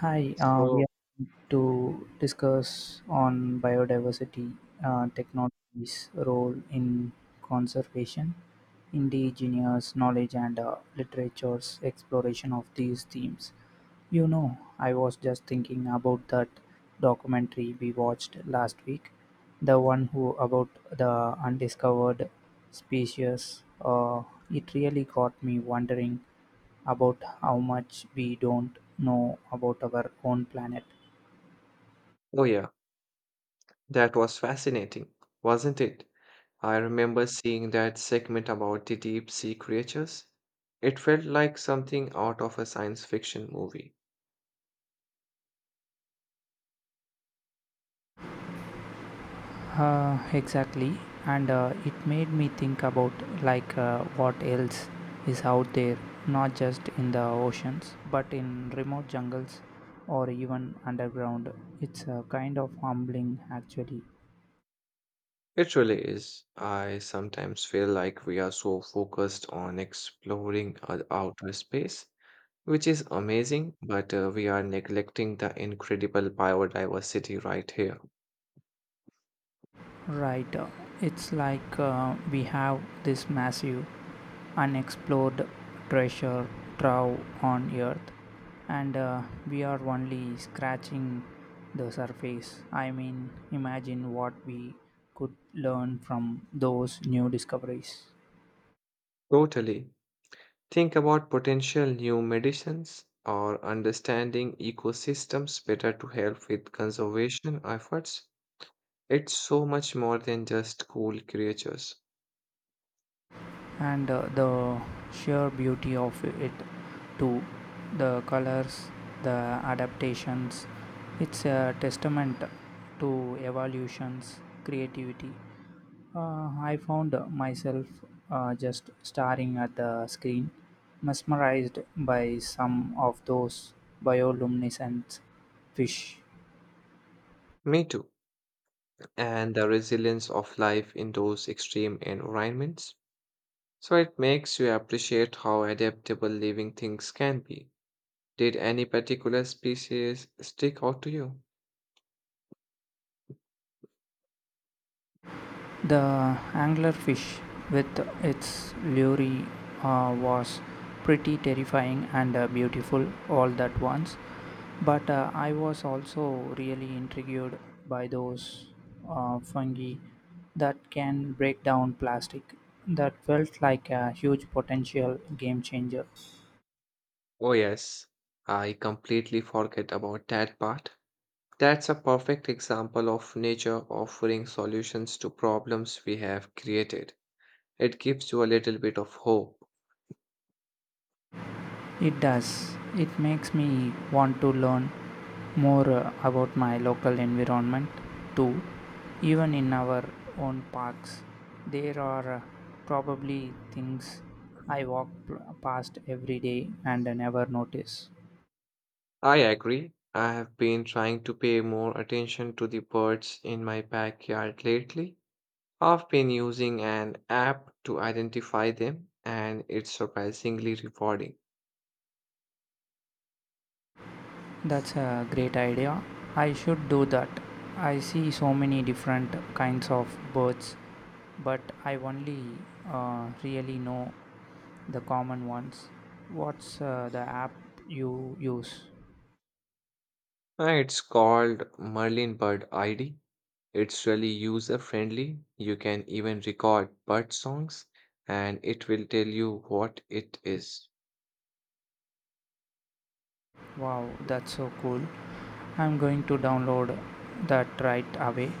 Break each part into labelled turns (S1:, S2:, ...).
S1: Hi, we
S2: So,
S1: are going to discuss on biodiversity technologies' role in conservation, indigenous knowledge, and literature's exploration of these themes. You know, I was just thinking about that documentary we watched last week, the one who about the undiscovered species. It really got me wondering about how much we don't know about our own planet.
S2: oh yeah, that was fascinating, wasn't it? I remember seeing that segment about the deep sea creatures. It felt like something out of a science fiction movie.
S1: Exactly, and it made me think about like what else is out there, not just in the oceans, but in remote jungles or even underground. It's kind of humbling, actually.
S2: It really is. I sometimes feel like we are so focused on exploring our outer space, which is amazing, but we are neglecting the incredible biodiversity right here.
S1: Right. It's like we have this massive unexplored treasure trove on Earth, and we are only scratching the surface. I mean, imagine what we could learn from those new discoveries.
S2: Totally. Think about potential new medicines or understanding ecosystems better to help with conservation efforts. It's so much more than just cool creatures.
S1: And the sheer beauty of it too, the colors, the adaptations, it's a testament to evolutions creativity. I found myself just staring at the screen, mesmerized by some of those bioluminescent fish.
S2: Me too. And the resilience of life in those extreme environments. So it makes you appreciate how adaptable living things can be. Did any particular species stick out to you?
S1: The anglerfish, with its lure, was pretty terrifying and beautiful all at once. But I was also really intrigued by those fungi that can break down plastic. That felt like a huge potential game changer.
S2: Oh, yes. I completely forget about that part. That's a perfect example of nature offering solutions to problems we have created. It gives you a little bit of hope.
S1: It does. It makes me want to learn more about my local environment too. Even in our own parks, there are probably things I walk past every day and I never notice.
S2: I agree. I have been trying to pay more attention to the birds in my backyard lately. I've been using an app to identify them, and it's surprisingly rewarding.
S1: That's a great idea. I should do that. I see so many different kinds of birds, but I only really know the common ones. What's the app you use?
S2: It's called Merlin Bird ID. It's really user friendly. You can even record bird songs and it will tell you what it is.
S1: Wow, that's so cool. I'm going to download that right away.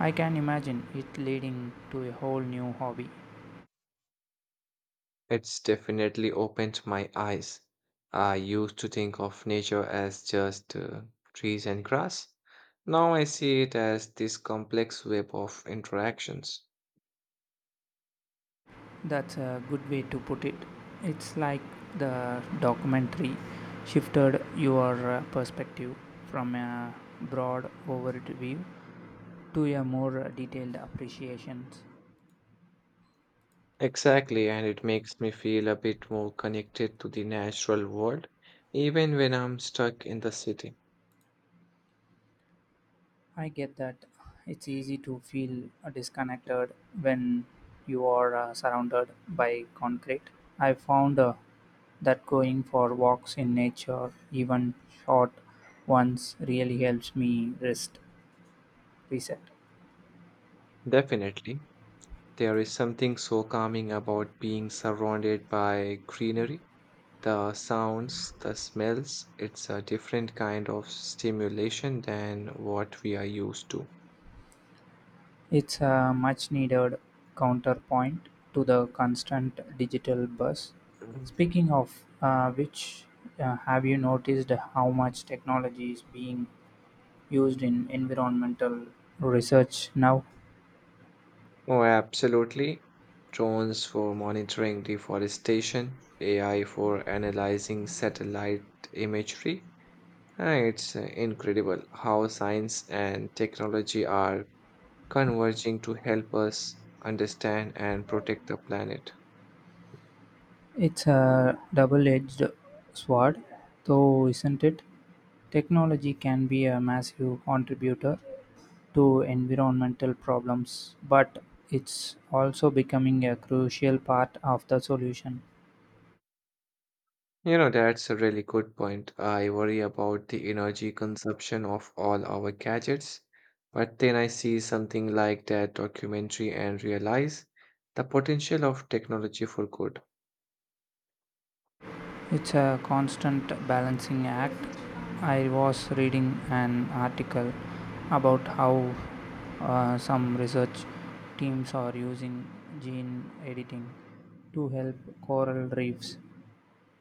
S1: I can imagine it leading to a whole new hobby.
S2: It's definitely opened my eyes. I used to think of nature as just trees and grass. Now I see it as this complex web of interactions.
S1: That's a good way to put it. It's like the documentary shifted your perspective from a broad overview to a more detailed appreciation.
S2: Exactly, and it makes me feel a bit more connected to the natural world, even when I'm stuck in the city.
S1: I get that it's easy to feel disconnected when you are surrounded by concrete. I found that going for walks in nature, even short ones, really helps me reset.
S2: Definitely. There is something so calming about being surrounded by greenery. The sounds, the smells, it's a different kind of stimulation than what we are used to.
S1: It's a much needed counterpoint to the constant digital buzz.
S2: Mhm.
S1: Speaking of which, have you noticed how much technology is being used in environmental research now?
S2: Oh, absolutely. Drones for monitoring deforestation, AI for analyzing satellite imagery. Ah, it's incredible how science and technology are converging to help us understand and protect the planet.
S1: It's a double-edged sword, though, isn't it? Technology can be a massive contributor to environmental problems, but it's also becoming a crucial part of the solution.
S2: You know, that's a really good point. I worry about the energy consumption of all our gadgets, but then I see something like that documentary and realize the potential of technology for good.
S1: It's a constant balancing act. I was reading an article about how some research teams are using gene editing to help coral reefs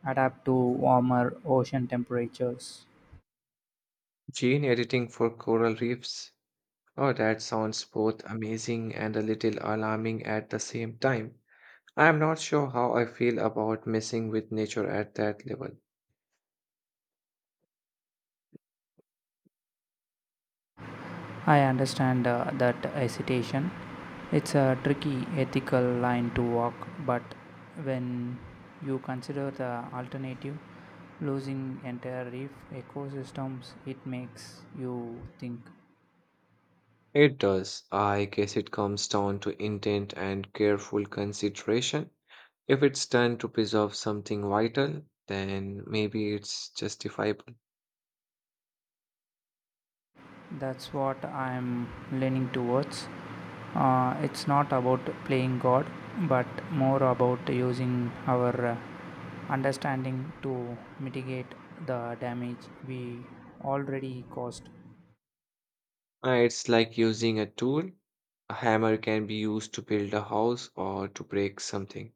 S1: adapt to warmer ocean temperatures.
S2: Gene editing for coral reefs. Oh, that sounds both amazing and a little alarming at the same time. I am not sure how I feel about messing with nature at that level.
S1: I understand that hesitation. It's a tricky ethical line to walk, but when you consider the alternative, losing entire reef ecosystems, it makes you think.
S2: It does. I guess it comes down to intent and careful consideration. If it's done to preserve something vital, then maybe it's justifiable.
S1: That's what I'm leaning towards. It's not about playing God, but more about using our understanding to mitigate the damage we already caused.
S2: It's like using a tool. A hammer can be used to build a house or to break something.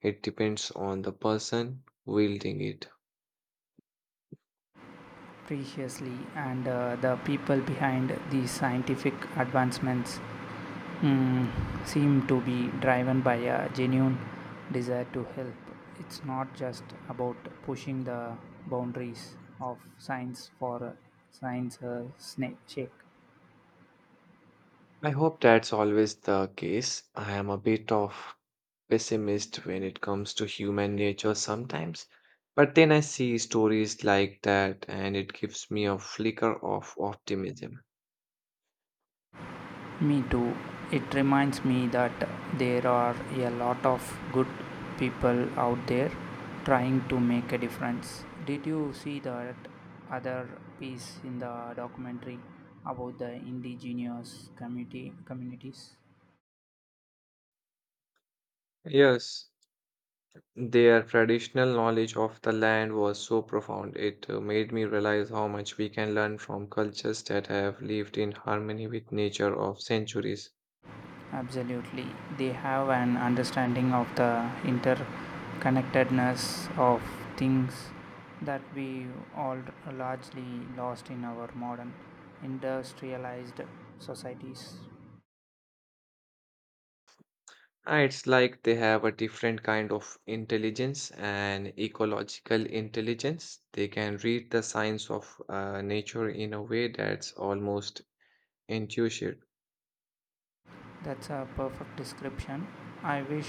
S2: It depends on the person wielding it.
S1: Preciously, and the people behind these scientific advancements mm, seem to be driven by a genuine desire to help. It's not just about pushing the boundaries of science for science's sake.
S2: I hope that's always the case. I am a bit of pessimist when it comes to human nature sometimes, but then I see stories like that and it gives me a flicker of optimism.
S1: Me too. It reminds me that there are a lot of good people out there trying to make a difference. Did you see that other piece in the documentary about the indigenous community communities?
S2: Yes, their traditional knowledge of the land was so profound, it made me realize how much we can learn from cultures that have lived in harmony with nature of centuries.
S1: Absolutely. They have an understanding of the interconnectedness of things that we all largely lost in our modern industrialized societies.
S2: Ah, it's like they have a different kind of intelligence, an ecological intelligence. They can read the signs of nature in a way that's almost intuitive.
S1: That's a perfect description. I wish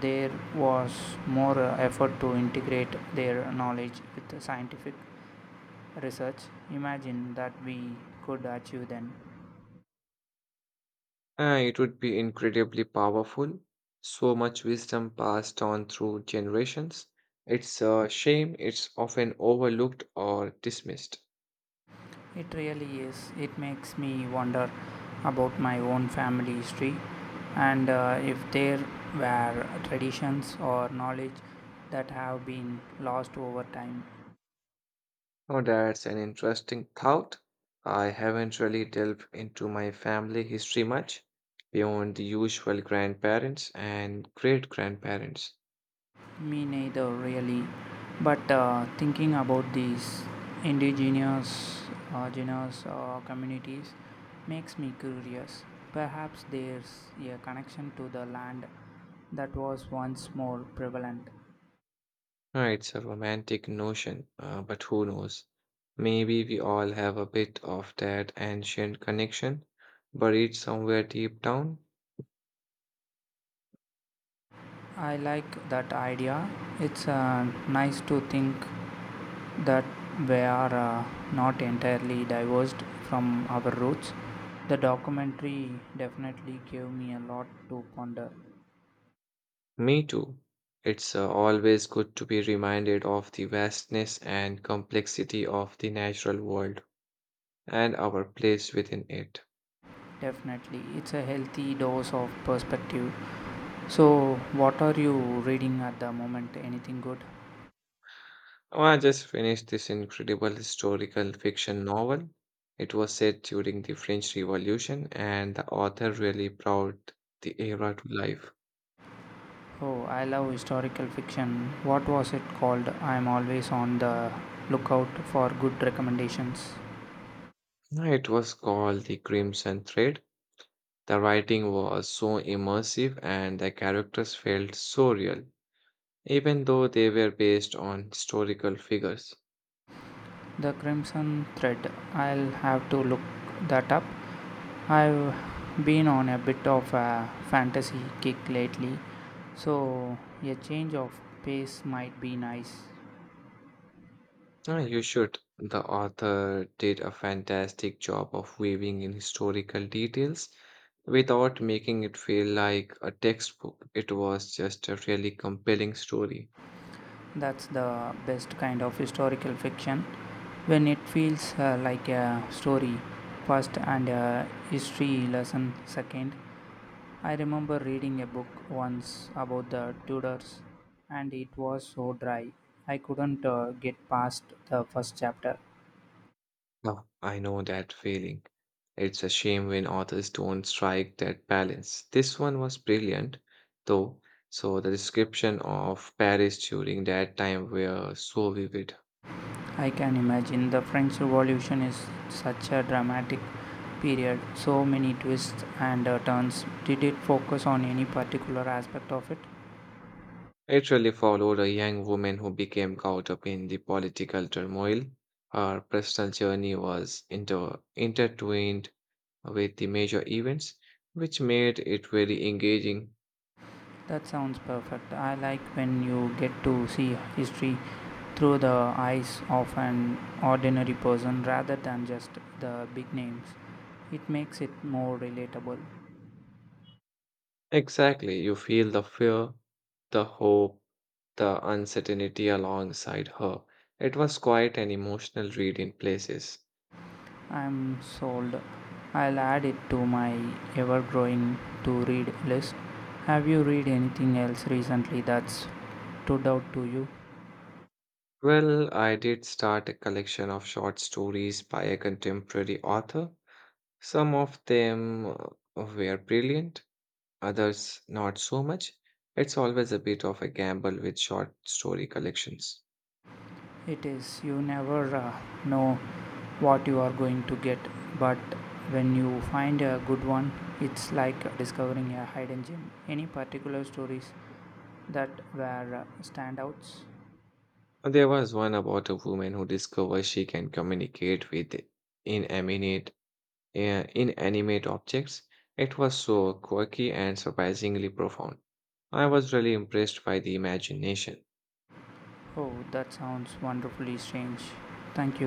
S1: there was more effort to integrate their knowledge with the scientific research. Imagine that we could achieve then.
S2: It would be incredibly powerful. So much wisdom passed on through generations. It's a shame it's often overlooked or dismissed.
S1: It really is. It makes me wonder about my own family history and if there were traditions or knowledge that have been lost over time.
S2: Now, that's an interesting thought. I haven't really delved into my family history much beyond the usual grandparents and great grandparents.
S1: Me neither, really. But thinking about these indigenous genus communities makes me curious. Perhaps there's a connection to the land that was once more prevalent.
S2: It's a romantic notion, but who knows? Maybe we all have a bit of that ancient connection buried somewhere deep down.
S1: I like that idea. It's nice to think that we are not entirely divorced from our roots. The documentary definitely gave me a lot to ponder.
S2: Me too. It's always good to be reminded of the vastness and complexity of the natural world and our place within it.
S1: Definitely, it's a healthy dose of perspective. So, what are you reading at the moment? Anything good?
S2: Oh, I just finished this incredible historical fiction novel. It was set during the French Revolution, and the author really brought the era to life.
S1: Oh, I love historical fiction. What was it called? I'm always on the lookout for good recommendations.
S2: It was called The Crimson Thread. The writing was so immersive, and the characters felt so real, even though they were based on historical figures.
S1: The Crimson Thread. I'll have to look that up. I've been on a bit of a fantasy kick lately, so a change of pace might be nice.
S2: Ah, you should. The author did a fantastic job of weaving in historical details without making it feel like a textbook. It was just a really compelling story.
S1: That's the best kind of historical fiction, when it feels like a story first and a history lesson second. I remember reading a book once about the Tudors and it was so dry. I couldn't get past the first chapter.
S2: Now, I know that feeling. It's a shame when authors don't strike that balance. This one was brilliant, though, so the description of Paris during that time were so vivid.
S1: I can imagine the French Revolution is such a dramatic period, so many twists and turns. Did it focus on any particular aspect of it?
S2: It really followed a young woman who became caught up in the political turmoil. Her personal journey was intertwined with the major events, which made it very engaging.
S1: That sounds perfect. I like when you get to see history through the eyes of an ordinary person rather than just the big names. It makes it more relatable.
S2: Exactly, you feel the fear, the hope, the uncertainty alongside her. It was quite an emotional read in places.
S1: I'm sold. I'll add it to my ever growing to read list. Have you read anything else recently that's stood out to you?
S2: Well, I did start a collection of short stories by a contemporary author. Some of them were brilliant, others not so much. It's always a bit of a gamble with short story collections.
S1: It is, you never know what you are going to get, but when you find a good one, it's like discovering a hidden gem. Any particular stories that were standouts?
S2: There was one about a woman who discovers she can communicate with inanimate, uh, inanimate objects. It was so quirky and surprisingly profound. I was really impressed by the imagination.
S1: Oh, that sounds wonderfully strange. Thank you.